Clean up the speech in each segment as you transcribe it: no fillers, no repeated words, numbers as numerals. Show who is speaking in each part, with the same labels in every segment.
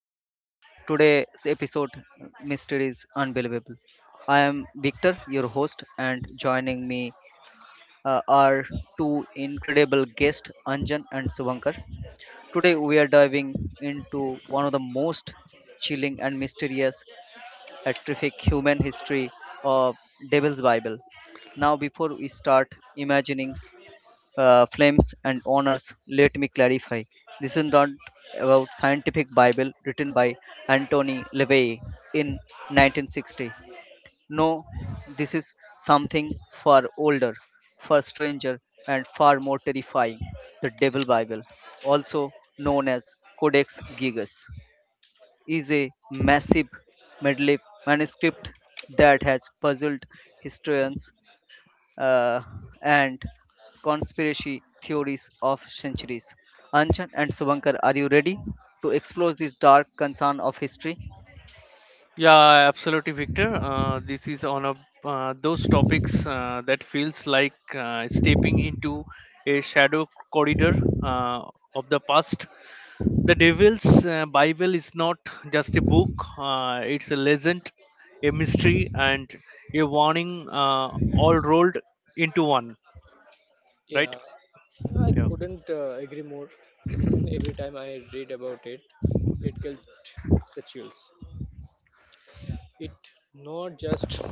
Speaker 1: everyone. Today's episode, Mystery is Unbelievable. I am Victor, your host, and joining me are two incredible guests, Anjan and Subankar. Today we are diving into one of the most chilling and mysterious, terrific human history of Devil's Bible. Now, before we start imagining flames and honors, let me clarify this is not about scientific bible written by Antony Levey in 1960. No, this is something far older, far stranger, and far more terrifying. The devil bible, also known as Codex Gigas, is a massive medley manuscript that has puzzled historians, uh, and conspiracy theories of centuries. Anchan and Subankar, are you ready to explore this dark concern of history?
Speaker 2: Yeah, absolutely, Victor. This is on a those topics that feels like stepping into a shadow corridor of the past. The Devil's Bible is not just a book; it's a legend, a mystery, and a warning, all rolled into one. Right?
Speaker 3: Yeah, I
Speaker 2: Yeah.
Speaker 3: couldn't uh, agree more. Every time I read about it, it gets the chills. It not just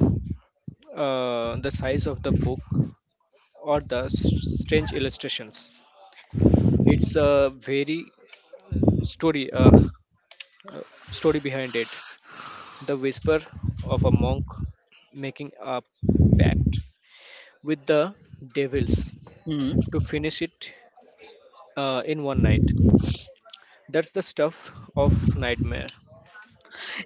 Speaker 3: the size of the book or the strange illustrations. It's a very story uh, story behind it. The whisper of a monk making a pact with the devils
Speaker 1: Hmm.
Speaker 3: to finish it in one night. That's the stuff of nightmare.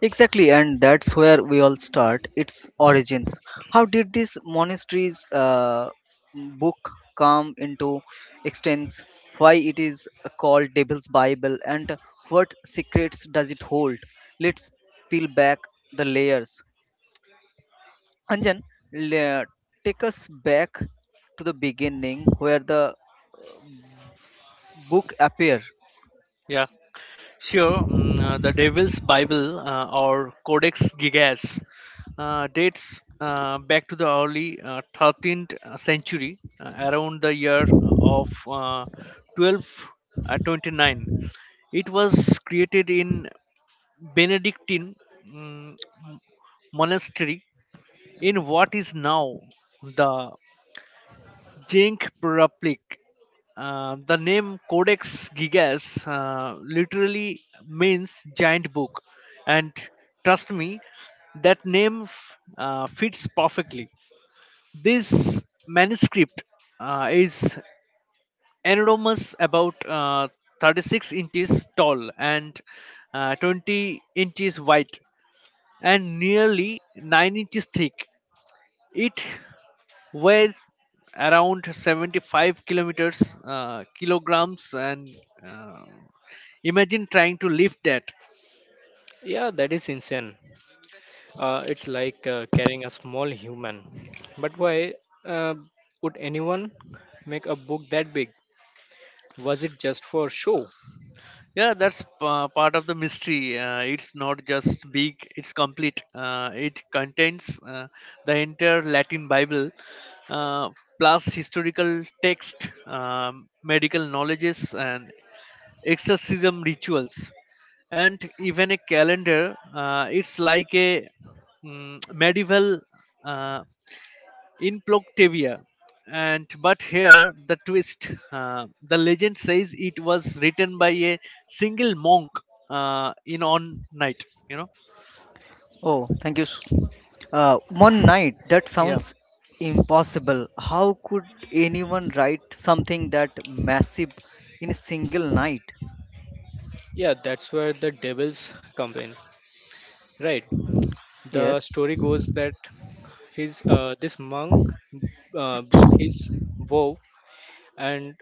Speaker 1: Exactly, and that's where we all start. Its origins. How did this monastery's book come into existence? Why it is called Devil's Bible, and what secrets does it hold? Let's peel back the layers, Anjan, le- take us back to the beginning where the book appear.
Speaker 2: Yeah. Sure, the Devil's Bible or Codex Gigas dates back to the early 13th century, around the year of 1229. It was created in Benedictine mm, monastery in what is now the Czech Republic. The name Codex Gigas literally means giant book, and trust me, that name fits perfectly. This manuscript is enormous, about 36 inches tall and 20 inches wide, and nearly 9 inches thick. It weighs around 75 kilometers kilograms and uh, imagine trying to lift that.
Speaker 3: Yeah, that is insane. It's like carrying a small human. But why uh, would anyone make a book that big? Was it just for show?
Speaker 2: That's part of the mystery. It's not just big, it's complete. It contains the entire Latin Bible, uh, plus historical text, medical knowledges and exorcism rituals, and even a calendar. It's like a medieval uh, in Ploctavia. And but here the twist: the legend says it was written by a single monk in on night. You know,
Speaker 1: Oh, thank you. One night. That
Speaker 2: yeah,
Speaker 1: sounds impossible. How could anyone write something that massive in a single night?
Speaker 3: Yeah, that's where the devils come in. Right.
Speaker 1: Yes,
Speaker 3: The story goes that his this monk broke his vow and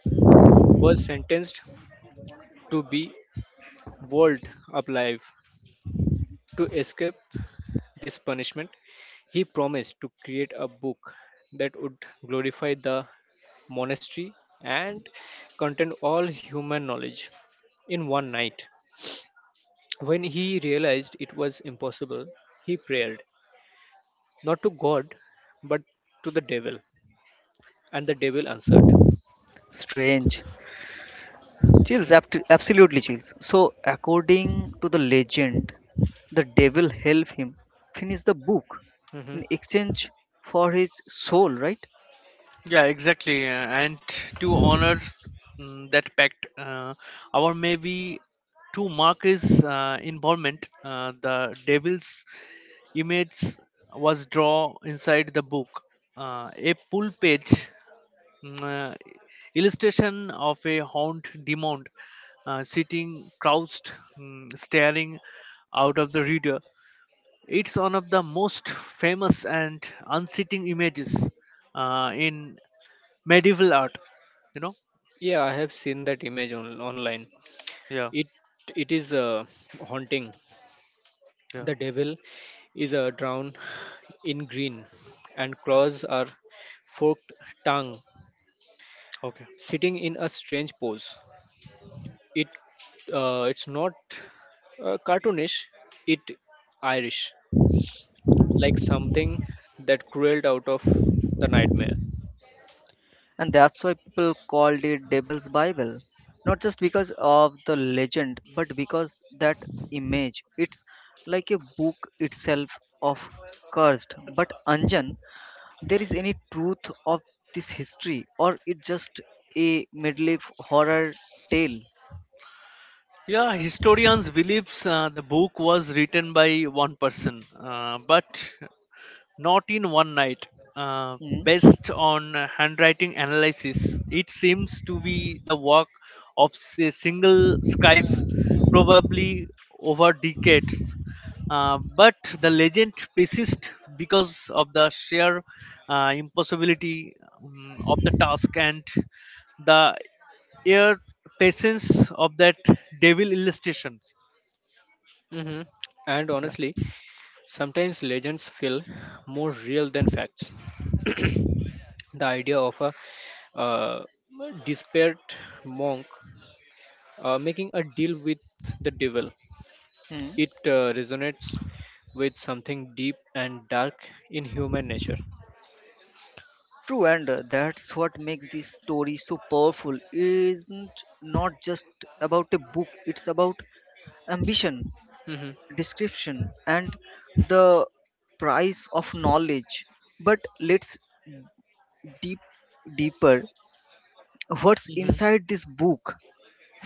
Speaker 3: was sentenced to be walled up alive. To escape this punishment, he promised to create a book that would glorify the monastery, and contained all human knowledge in one night. When he realized it was impossible, he prayed, not to God, but to the devil, and the devil answered.
Speaker 1: strange. Chills,
Speaker 3: hmm
Speaker 1: Absolutely chills. So, according to the legend, the devil helped him finish the book
Speaker 3: hmm
Speaker 1: in exchange for his soul, right?
Speaker 2: yeah, exactly. And to honor that pact, our maybe to mark his involvement, the devil's image was drawn inside the book, a full page. mm, uh, Illustration of a hound demon sitting crouched, staring out of the reader. It's one of the most famous and unseating images in medieval art. You know?
Speaker 3: Yeah, I have seen that image on, online.
Speaker 2: Yeah,
Speaker 3: It it is haunting.
Speaker 2: yeah,
Speaker 3: The devil is drowned in green, and claws are forked tongue,
Speaker 2: okay.
Speaker 3: sitting in a strange pose. It it's not cartoonish. It Irish, like something that crawled out of the nightmare.
Speaker 1: And that's why people called it Devil's Bible. Not just because of the legend, but because that image. It's like a book itself of cursed. But Anjan, there is any truth of this history, or it just a medley horror tale?
Speaker 2: Yeah, historians believes the book was written by one person, but not in one night. Uh,
Speaker 1: Hmm.
Speaker 2: Based on handwriting analysis, it seems to be the work of a single scribe, probably over decades. But the legend persists because of the sheer impossibility of the task and the air patience of that devil illustrations.
Speaker 3: hmm And
Speaker 2: Yeah.
Speaker 3: honestly, sometimes legends feel more real than facts. The idea of a uh, desperate monk making a deal with the devil,
Speaker 1: Hmm.
Speaker 3: it resonates with something deep and dark in human nature.
Speaker 1: True, and that's what makes this story so powerful. Isn't not just about a book; it's about ambition,
Speaker 3: hmm
Speaker 1: description, and the price of knowledge. But let's deep deeper, what's
Speaker 3: hmm
Speaker 1: inside this book,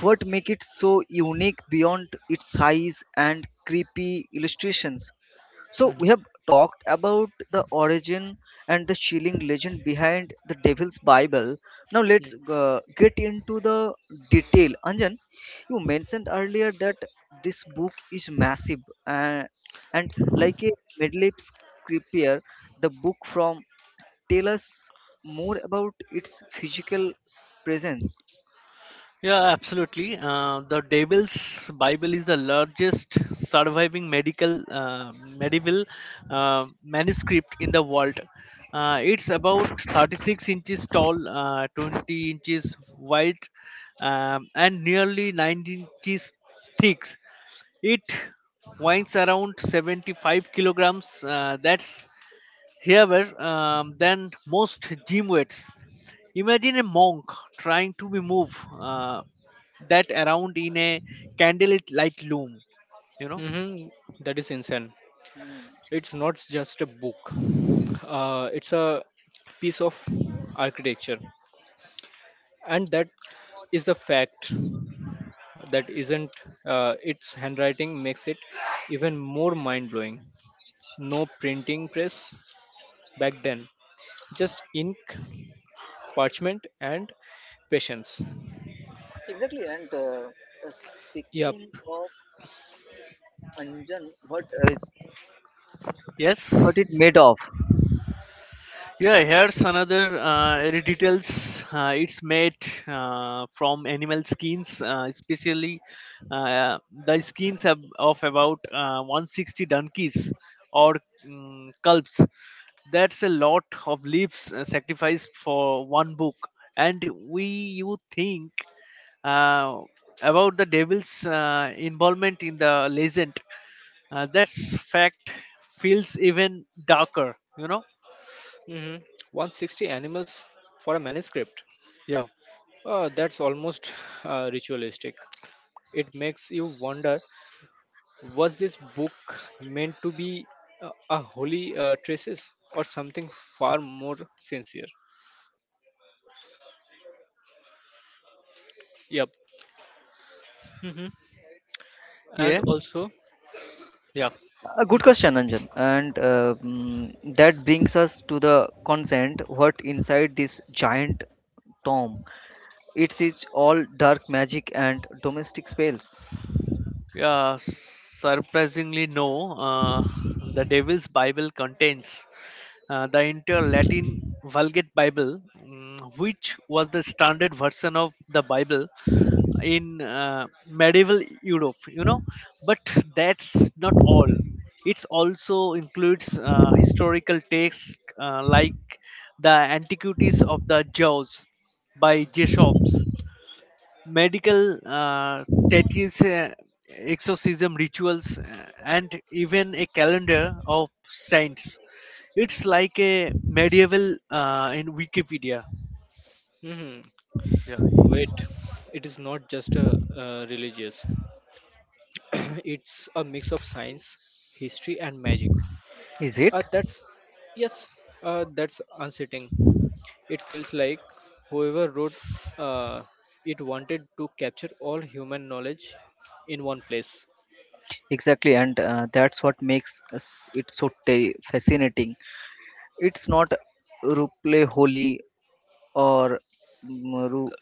Speaker 1: what make it so unique beyond its size and creepy illustrations? So
Speaker 3: hmm
Speaker 1: we have talked about the origin and the chilling legend behind the Devil's Bible. Now let's get into the detail. Anjan, you mentioned earlier that this book is massive, uh, and like a medley scripture, the book from tell us more about its physical presence.
Speaker 2: Yeah, absolutely. The Devil's Bible is the largest surviving medical medieval manuscript in the world. It's about 36 inches tall, 20 inches wide, and nearly 19 inches thick. It weighs around 75 kilograms. That's heavier than most gym weights. Imagine a monk trying to be move uh, that around in a candlelit light loom. You know?
Speaker 3: Mm-hmm. That is insane. It's not just a book. It's a piece of architecture, and that is the fact that isn't its handwriting makes it even more mind blowing. No printing press back then, just ink, parchment, and patience.
Speaker 1: Exactly, and
Speaker 3: Yep.
Speaker 1: speaking of Anjan, what is
Speaker 2: Yes.
Speaker 1: what it made of.
Speaker 2: Yeah, here's another any details. It's made from animal skins, especially uh, the skins of about 160 donkeys or culps. That's a lot of leaves sacrificed for one book. And we, you think uh, about the devil's involvement in the legend, that fact feels even darker, you know
Speaker 3: Mm-hmm. 160 animals for a manuscript.
Speaker 2: yeah
Speaker 3: That's almost ritualistic. It makes you wonder. Was this book meant to be a holy traces or something far more sincere? Yep. hmm And
Speaker 2: yeah
Speaker 3: also,
Speaker 2: yeah
Speaker 1: A good
Speaker 3: hmm
Speaker 1: question, Anjan. And that brings us to the consent. What inside this giant tomb? It is all dark magic and domestic spells.
Speaker 2: yeah, surprisingly no. uh, the Devil's Bible contains the entire Latin Vulgate Bible, which was the standard version of the Bible in medieval Europe, you know. But that's not all. It also includes historical texts like the Antiquities of the Jaws by Jessop's, medical tattoos, exorcism rituals, and even a calendar of saints. It's like a medieval in Wikipedia.
Speaker 3: hmm
Speaker 2: Yeah.
Speaker 3: wait, it is not just a religious. It's a mix of science, history, and magic.
Speaker 1: Is it?
Speaker 3: That's yes. That's unsettling. It feels like whoever wrote uh, it wanted to capture all human knowledge in one place.
Speaker 1: Exactly, and that's what makes it so ta fascinating. It's not Ruple holy or mm, ru-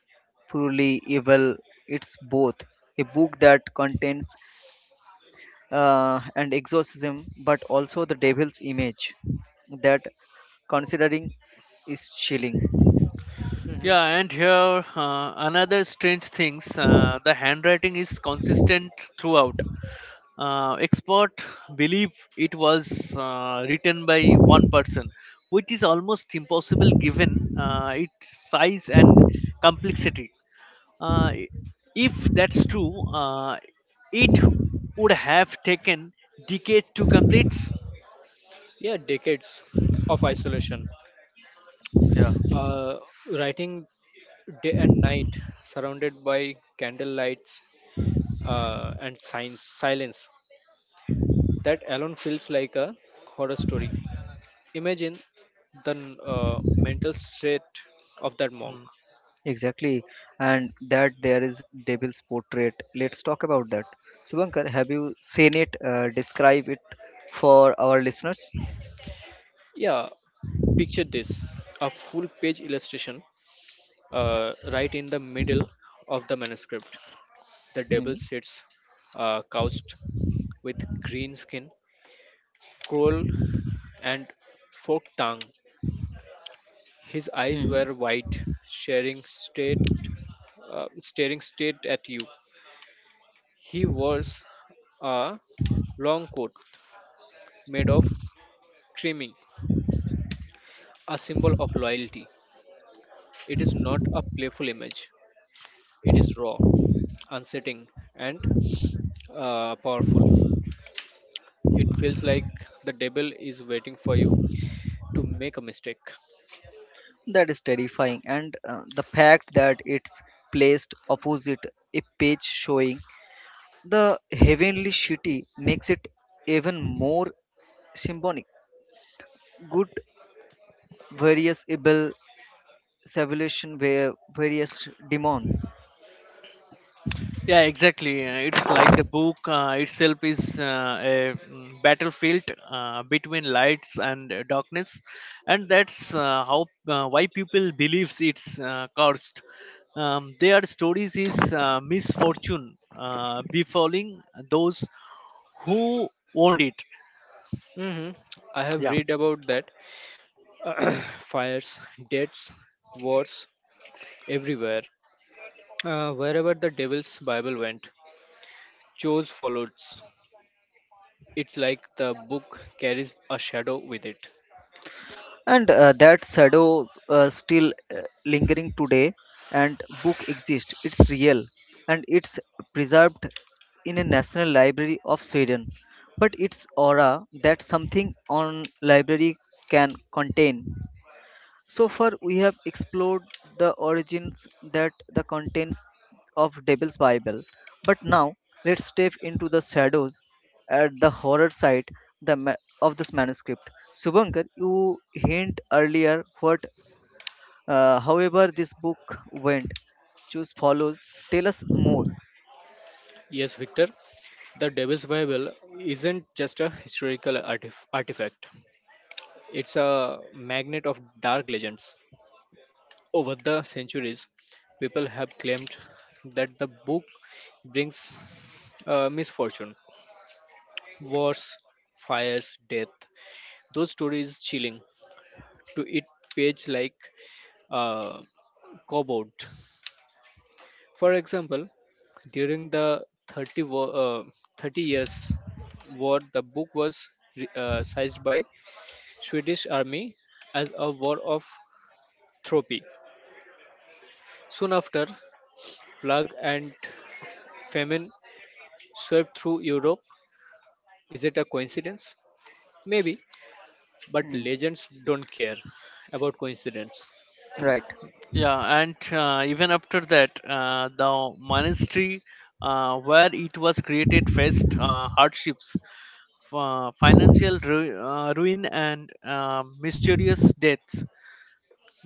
Speaker 1: purely evil, it's both. A book that contains and exorcism, but also the devil's image, that considering is chilling.
Speaker 2: Yeah, and here another strange things. The handwriting is consistent throughout. Expert believe it was written by one person, which is almost impossible given its size and complexity. Uh, i- if that's true, it would have taken decade to complete.
Speaker 3: Yeah, decades of isolation,
Speaker 2: Yeah.
Speaker 3: uh, writing day and night surrounded by candle lights and science silence. That alone feels like a horror story. Imagine the mental state of that monk.
Speaker 1: Exactly, and that there is devil's portrait. Let's talk about that. Subankar, have you seen it? Describe it for our listeners.
Speaker 3: Yeah, picture this: a full page illustration right in the middle of the manuscript. The
Speaker 1: Hmm.
Speaker 3: devil sits couched with green skin, cruel and forked tongue. His eyes
Speaker 1: Hmm.
Speaker 3: were wide, staring straight, staring straight at you. He wears a long coat made of creaming, a symbol of loyalty. It is not a playful image. It is raw, unsettling, and powerful. It feels like the devil is waiting for you to make a mistake.
Speaker 1: That is terrifying, and the fact that it's placed opposite a page showing the heavenly city makes it even more symbolic. Good various Ibel civilization were various demon.
Speaker 2: Yeah, exactly. It's like the book itself is a battlefield between lights and darkness, and that's how why people believes it's cursed. Their stories is misfortune befalling those who owned it.
Speaker 3: hmm I have
Speaker 2: Yeah,
Speaker 3: read about that. Fires, deaths, wars everywhere. Wherever the devil's Bible went, Chose followed. It's like the book carries a shadow with it.
Speaker 1: And that shadows still lingering today, and book exist, it's real, and it's preserved in a national library of Sweden. But its aura, that something on library can contain. So far, we have explored the origins, that the contents of Devil's Bible. But now, let's step into the shadows at the horror side, the ma- of this manuscript. Subankar, you hint earlier what, however, this book went. Choose follows. Tell us more.
Speaker 3: Yes, Victor, the devil's Bible isn't just a artifact, it's a magnet of dark legends. Over the centuries, people have claimed that the book brings misfortune, wars, fires, death. Those stories chilling to each page like a cupboard. For example, during the 30 years war, the book was seized by Swedish army as a war of trophy. Soon after, plague and famine swept through Europe. Is it a coincidence? Maybe, but
Speaker 1: Hmm.
Speaker 3: legends don't care about coincidence.
Speaker 1: Right.
Speaker 2: yeah, and even after that, the monastery where it was created faced hardships, financial ruin and mysterious deaths.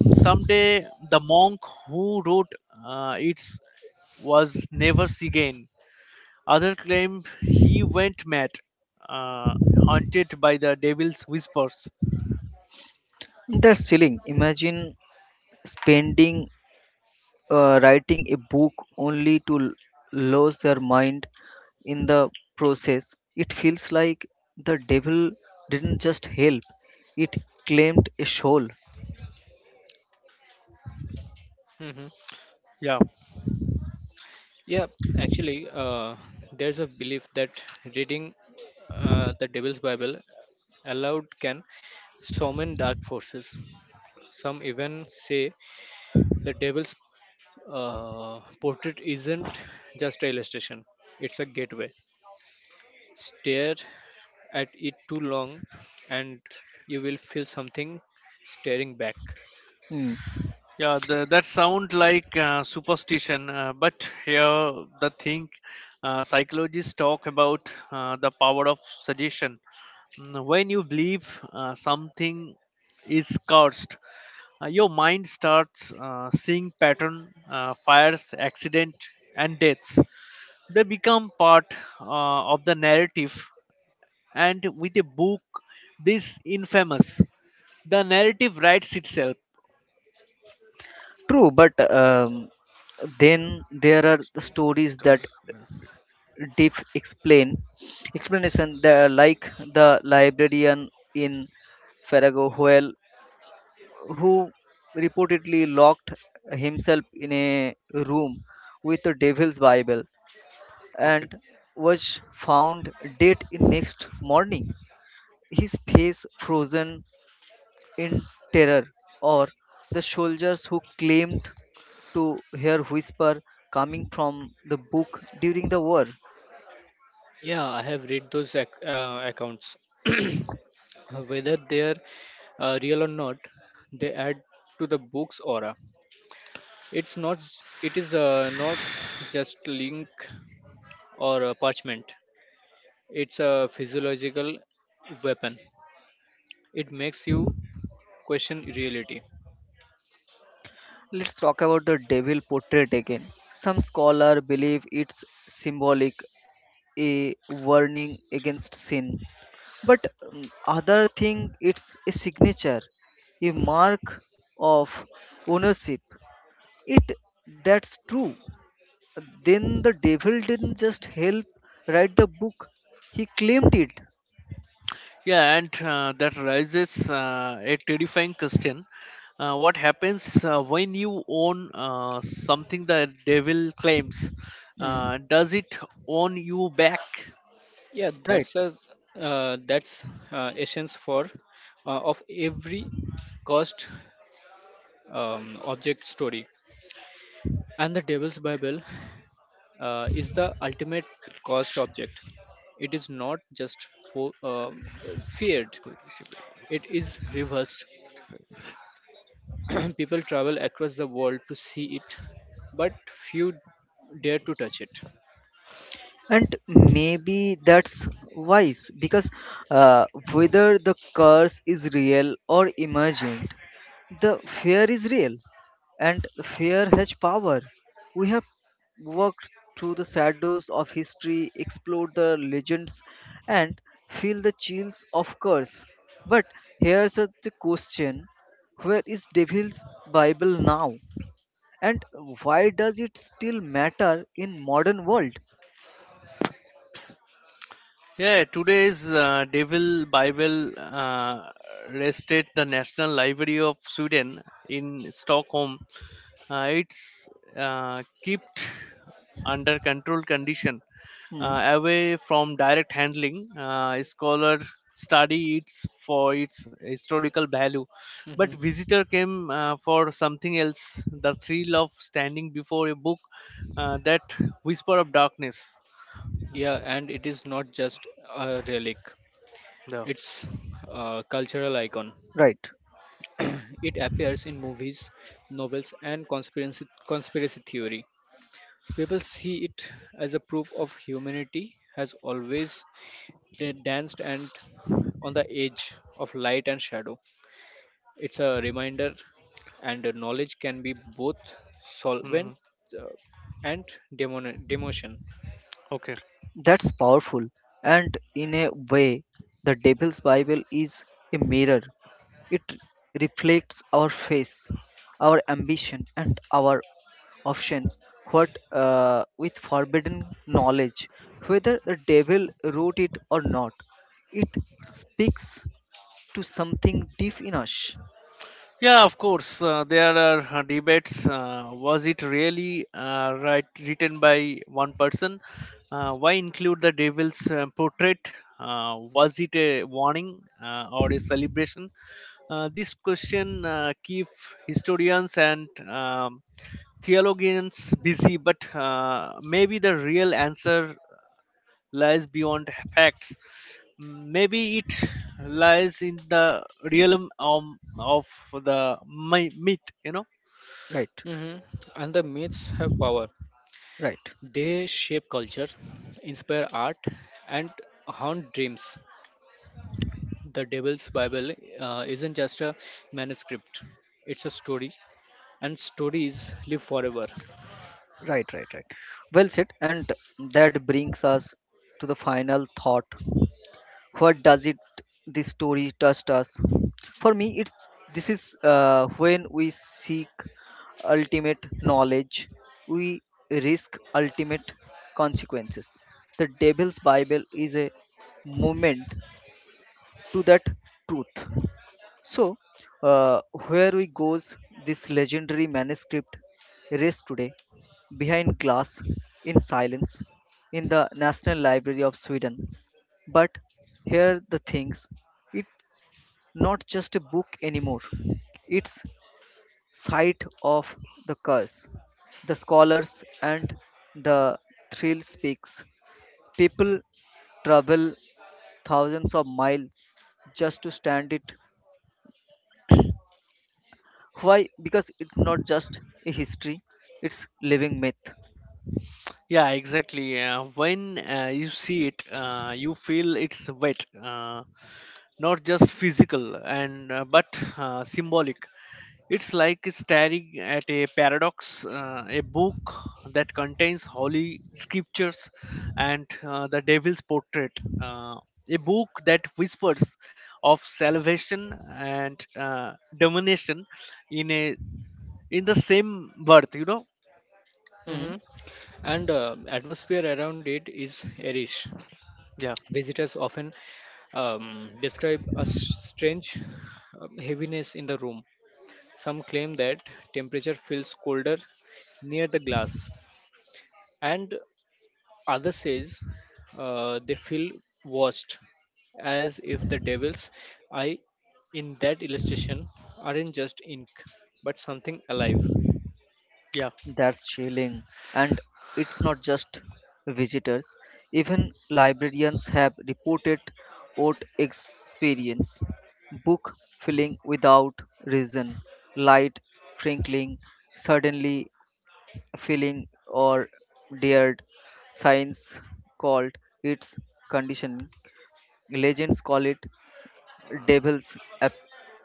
Speaker 2: Someday, the monk who wrote it was never seen again. Others claim he went mad, uh, haunted by the devil's whispers.
Speaker 1: That's chilling. Imagine spending writing a book only to lose your mind in the process. It feels like the devil didn't just help, it claimed a soul.
Speaker 3: hmm
Speaker 2: Yeah,
Speaker 3: Yeah, actually, there's a belief that reading the Devil's Bible aloud can summon dark forces. Some even say the devil's portrait isn't just an illustration, it's a gateway. Stare at it too long, and you will feel something staring back.
Speaker 1: Hmm.
Speaker 2: that sound like superstition, but here the thing, psychologists talk about the power of suggestion. When you believe something is cursed, your mind starts seeing pattern, fires, accident and deaths, they become part of the narrative, and with a book this infamous, the narrative writes itself.
Speaker 1: True, but then there are the stories that deep explain explanation the, like the librarian in Farrago Howell who reportedly locked himself in a room with the devil's bible
Speaker 2: Okay.
Speaker 1: and was found dead in next morning, his face frozen in terror, or the soldiers who claimed to hear whisper coming from the book during the war.
Speaker 3: Yeah, I have read those accounts. Whether they're real or not, they add to the book's aura. It's not. It is not just link or parchment. It's a physiological weapon. It makes you question reality.
Speaker 1: Let's talk about the devil portrait again. Some scholars believe it's symbolic, a warning against sin, but other think it's a signature, a mark of ownership. It that's true. Then the devil didn't just help write the book, he claimed it.
Speaker 2: Yeah, and that raises a terrifying question: what happens when you own something the devil claims?
Speaker 1: Hmm.
Speaker 2: Does it own you back?
Speaker 3: Yeah,
Speaker 1: Right.
Speaker 3: that's a that's essence for of every cost object story. And the Devil's Bible is the ultimate cost object. It is not just feared. It is reversed. People travel across the world to see it, but few dare to touch it.
Speaker 1: And maybe that's wise because uh, whether the curse is real or imagined, the fear is real, and fear has power. We have walked through the shadows of history, explored the legends, and feel the chills of curse. But here's the question, where is Devil's Bible now? And why does it still matter in modern world?
Speaker 2: Yeah, today's Devil Bible rested the National Library of Sweden in Stockholm. It's kept under controlled condition,
Speaker 1: Hmm,
Speaker 2: away from direct handling. Scholars study it for its historical value, but
Speaker 3: Mhm.
Speaker 2: visitor came for something else: the thrill of standing before a book, that whisper of darkness.
Speaker 3: Yeah, and it is not just a relic,
Speaker 2: Yeah.
Speaker 3: it's a cultural icon.
Speaker 1: right.
Speaker 3: It appears in movies, novels, and conspiracy theory. People see it as a proof of humanity has always danced and on the edge of light and shadow. It's a reminder, and the knowledge can be both
Speaker 2: Hmm.
Speaker 3: solvent uh, and demotion.
Speaker 2: Okay.
Speaker 1: That's powerful, and in a way, the Devil's Bible is a mirror. It reflects our face, our ambition, and our options. What with forbidden knowledge, whether the devil wrote it or not, it speaks to something deep in us.
Speaker 2: Yeah, of course. There are debates. Was it really right written by one person? Why include the devil's portrait? Was it a warning or a celebration? This question keep historians and theologians busy, but maybe the real answer lies beyond facts. Maybe it lies in the realm of the myth, you know.
Speaker 1: Right,
Speaker 3: Mhm. And the myths have power.
Speaker 1: right,
Speaker 3: They shape culture, inspire art, and haunt dreams. The Devil's Bible isn't just a manuscript, it's a story, and stories live forever.
Speaker 1: right, right, right. Well said, and that brings us to the final thought, what does it this story touched us. For me it's, this is when we seek ultimate knowledge, we risk ultimate consequences. The devil's bible is a movement to that truth. So, uh, where we goes, this legendary manuscript rests today behind glass in silence in the National Library of Sweden. But here the things, it's not just a book anymore. It's site of the curse, the scholars and the thrill speaks. People travel thousands of miles just to stand it. Why? Because it's not just a history, it's living myth.
Speaker 2: Yeah, exactly. When you see it, you feel it's wet, not just physical and but symbolic. It's like staring at a paradox, a book that contains holy scriptures and the devil's portrait, a book that whispers of salvation and domination in a in the same birth. You know,
Speaker 1: Hmm,
Speaker 3: Mhm. And atmosphere around it is irish.
Speaker 2: yeah,
Speaker 3: Visitors often describe a strange heaviness in the room. Some claim that temperature feels colder near the glass, and Others says they feel watched, as if the devil's eye in that illustration aren't just ink, but something alive.
Speaker 2: yeah.
Speaker 1: that's chilling. And it's not just visitors. Even librarians have reported odd experience. Book filling without reason, light twinkling suddenly, feeling or dared. Science called its conditioning. Legends call it devil's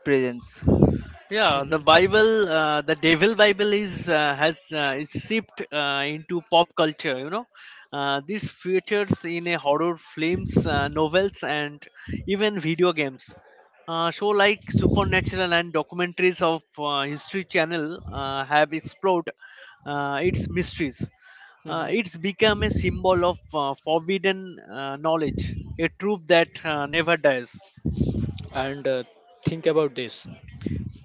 Speaker 1: presence.
Speaker 2: yeah. The
Speaker 3: Mhm,
Speaker 2: bible the devil bible is seeped into pop culture, you know. This features in a horror films, novels and even video games. Show like Supernatural and documentaries of History Channel have explored its mysteries.
Speaker 3: mhm.
Speaker 2: It's become a symbol of forbidden knowledge, a truth that never dies.
Speaker 3: And think about this.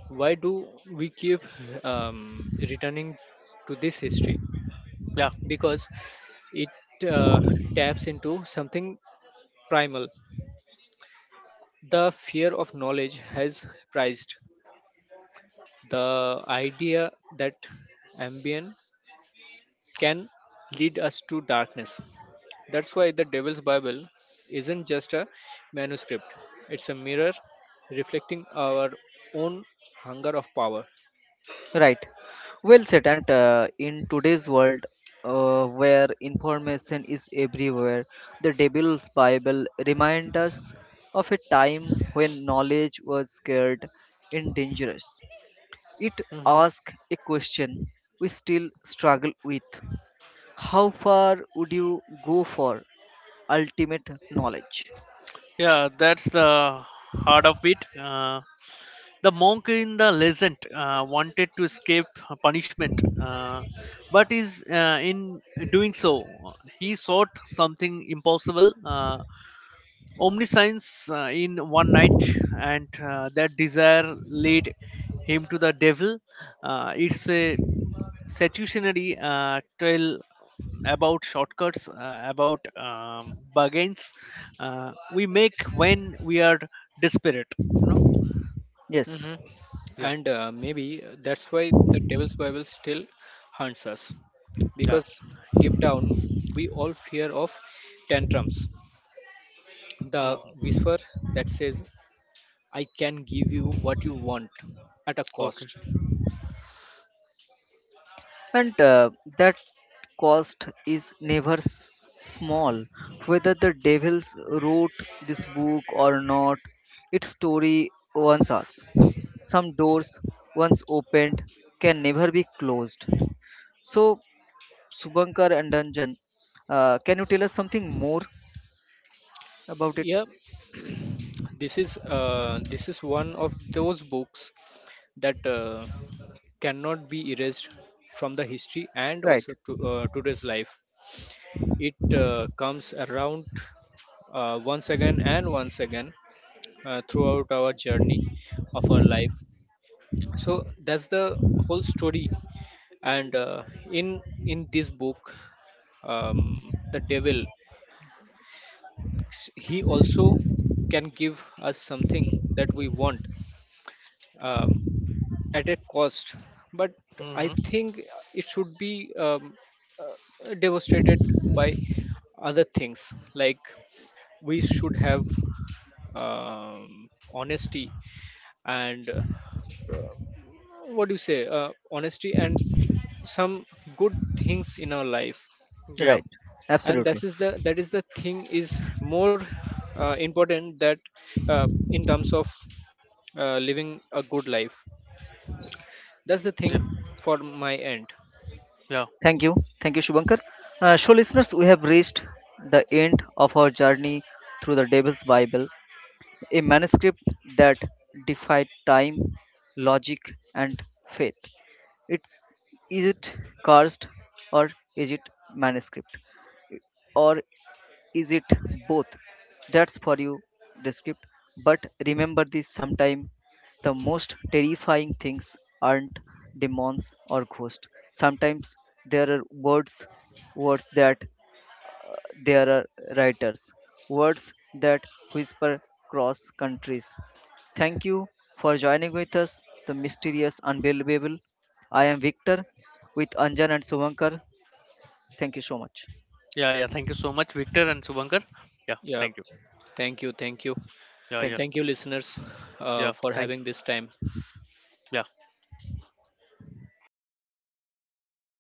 Speaker 3: Why do we keep returning to this history?
Speaker 2: yeah
Speaker 3: Because it taps into something primal. The fear of knowledge has prized
Speaker 2: yeah okay.
Speaker 3: the idea that ambient can lead us to darkness. That's why the Devil's Bible isn't just a manuscript, it's a mirror reflecting our own hunger of power.
Speaker 1: Right. Well said. And in today's world, where information is everywhere, the Devil's Bible reminds us of a time when knowledge was scared and dangerous. It
Speaker 3: hmm
Speaker 1: asks a question we still struggle with, how far would you go for ultimate knowledge?
Speaker 2: Yeah, that's the heart of it. The monk in the legend wanted to escape punishment, but is in doing so, he sought something impossible, omniscience in one night, and that desire led him to the devil. It's a seductionary tell about shortcuts, about bargains we make when we are desperate. You know?
Speaker 1: Yes,
Speaker 3: hmm
Speaker 2: Yeah.
Speaker 3: And maybe that's why the Devil's Bible still haunts us,
Speaker 2: Yeah.
Speaker 3: because deep down we all fear of tantrums,
Speaker 2: Hmm.
Speaker 3: the whisper that says, I can give you what you want at a
Speaker 2: Okay.
Speaker 3: cost.
Speaker 1: and that cost is never small, whether the devils wrote this book or not, its story warns us some doors once opened can never be closed. So, Subankar and Dungeon, can you tell us something more about it?
Speaker 3: Yeah, this is one of those books that cannot be erased from the history, and
Speaker 1: Right,
Speaker 3: also to, today's life. It comes around once again and once again, throughout our journey of our life. So that's the whole story, and in this book, um, the devil, he also can give us something that we want, um, at a cost. But I
Speaker 2: Hmm.
Speaker 3: think it should be devastated by other things, like we should have, um, honesty, and what do you say honesty and some good things in our life.
Speaker 2: Yeah.
Speaker 1: right,
Speaker 3: And that
Speaker 1: absolutely.
Speaker 3: is the, that is the thing is more important, that uh, in terms of living a good life, that's the
Speaker 2: Yeah.
Speaker 3: thing for my end.
Speaker 2: Yeah.
Speaker 1: Thank you. Thank you, Shubhankar. So, listeners, we have reached the end of our journey through the Devil's Bible, a manuscript that defied time, logic, and faith. It's, is it cursed, or is it manuscript? Or is it both? That's for you, descript. But remember this, sometime the most terrifying things aren't demons or ghosts. Sometimes there are words, words that there are writers, words that whisper cross countries. Thank you for joining with us, the mysterious unbelievable. I am Victor with Anjan and Suvankar. Thank you so much.
Speaker 2: Yeah. Yeah. Thank you so much, Victor and Subankar. Yeah.
Speaker 3: Yeah,
Speaker 2: Thank you.
Speaker 3: thank you, thank you.
Speaker 2: Yeah.
Speaker 1: Thank
Speaker 2: Yeah.
Speaker 1: you.
Speaker 3: Thank you, listeners,
Speaker 2: Yeah.
Speaker 3: for
Speaker 2: Thank
Speaker 3: having this time.
Speaker 2: you. Yeah.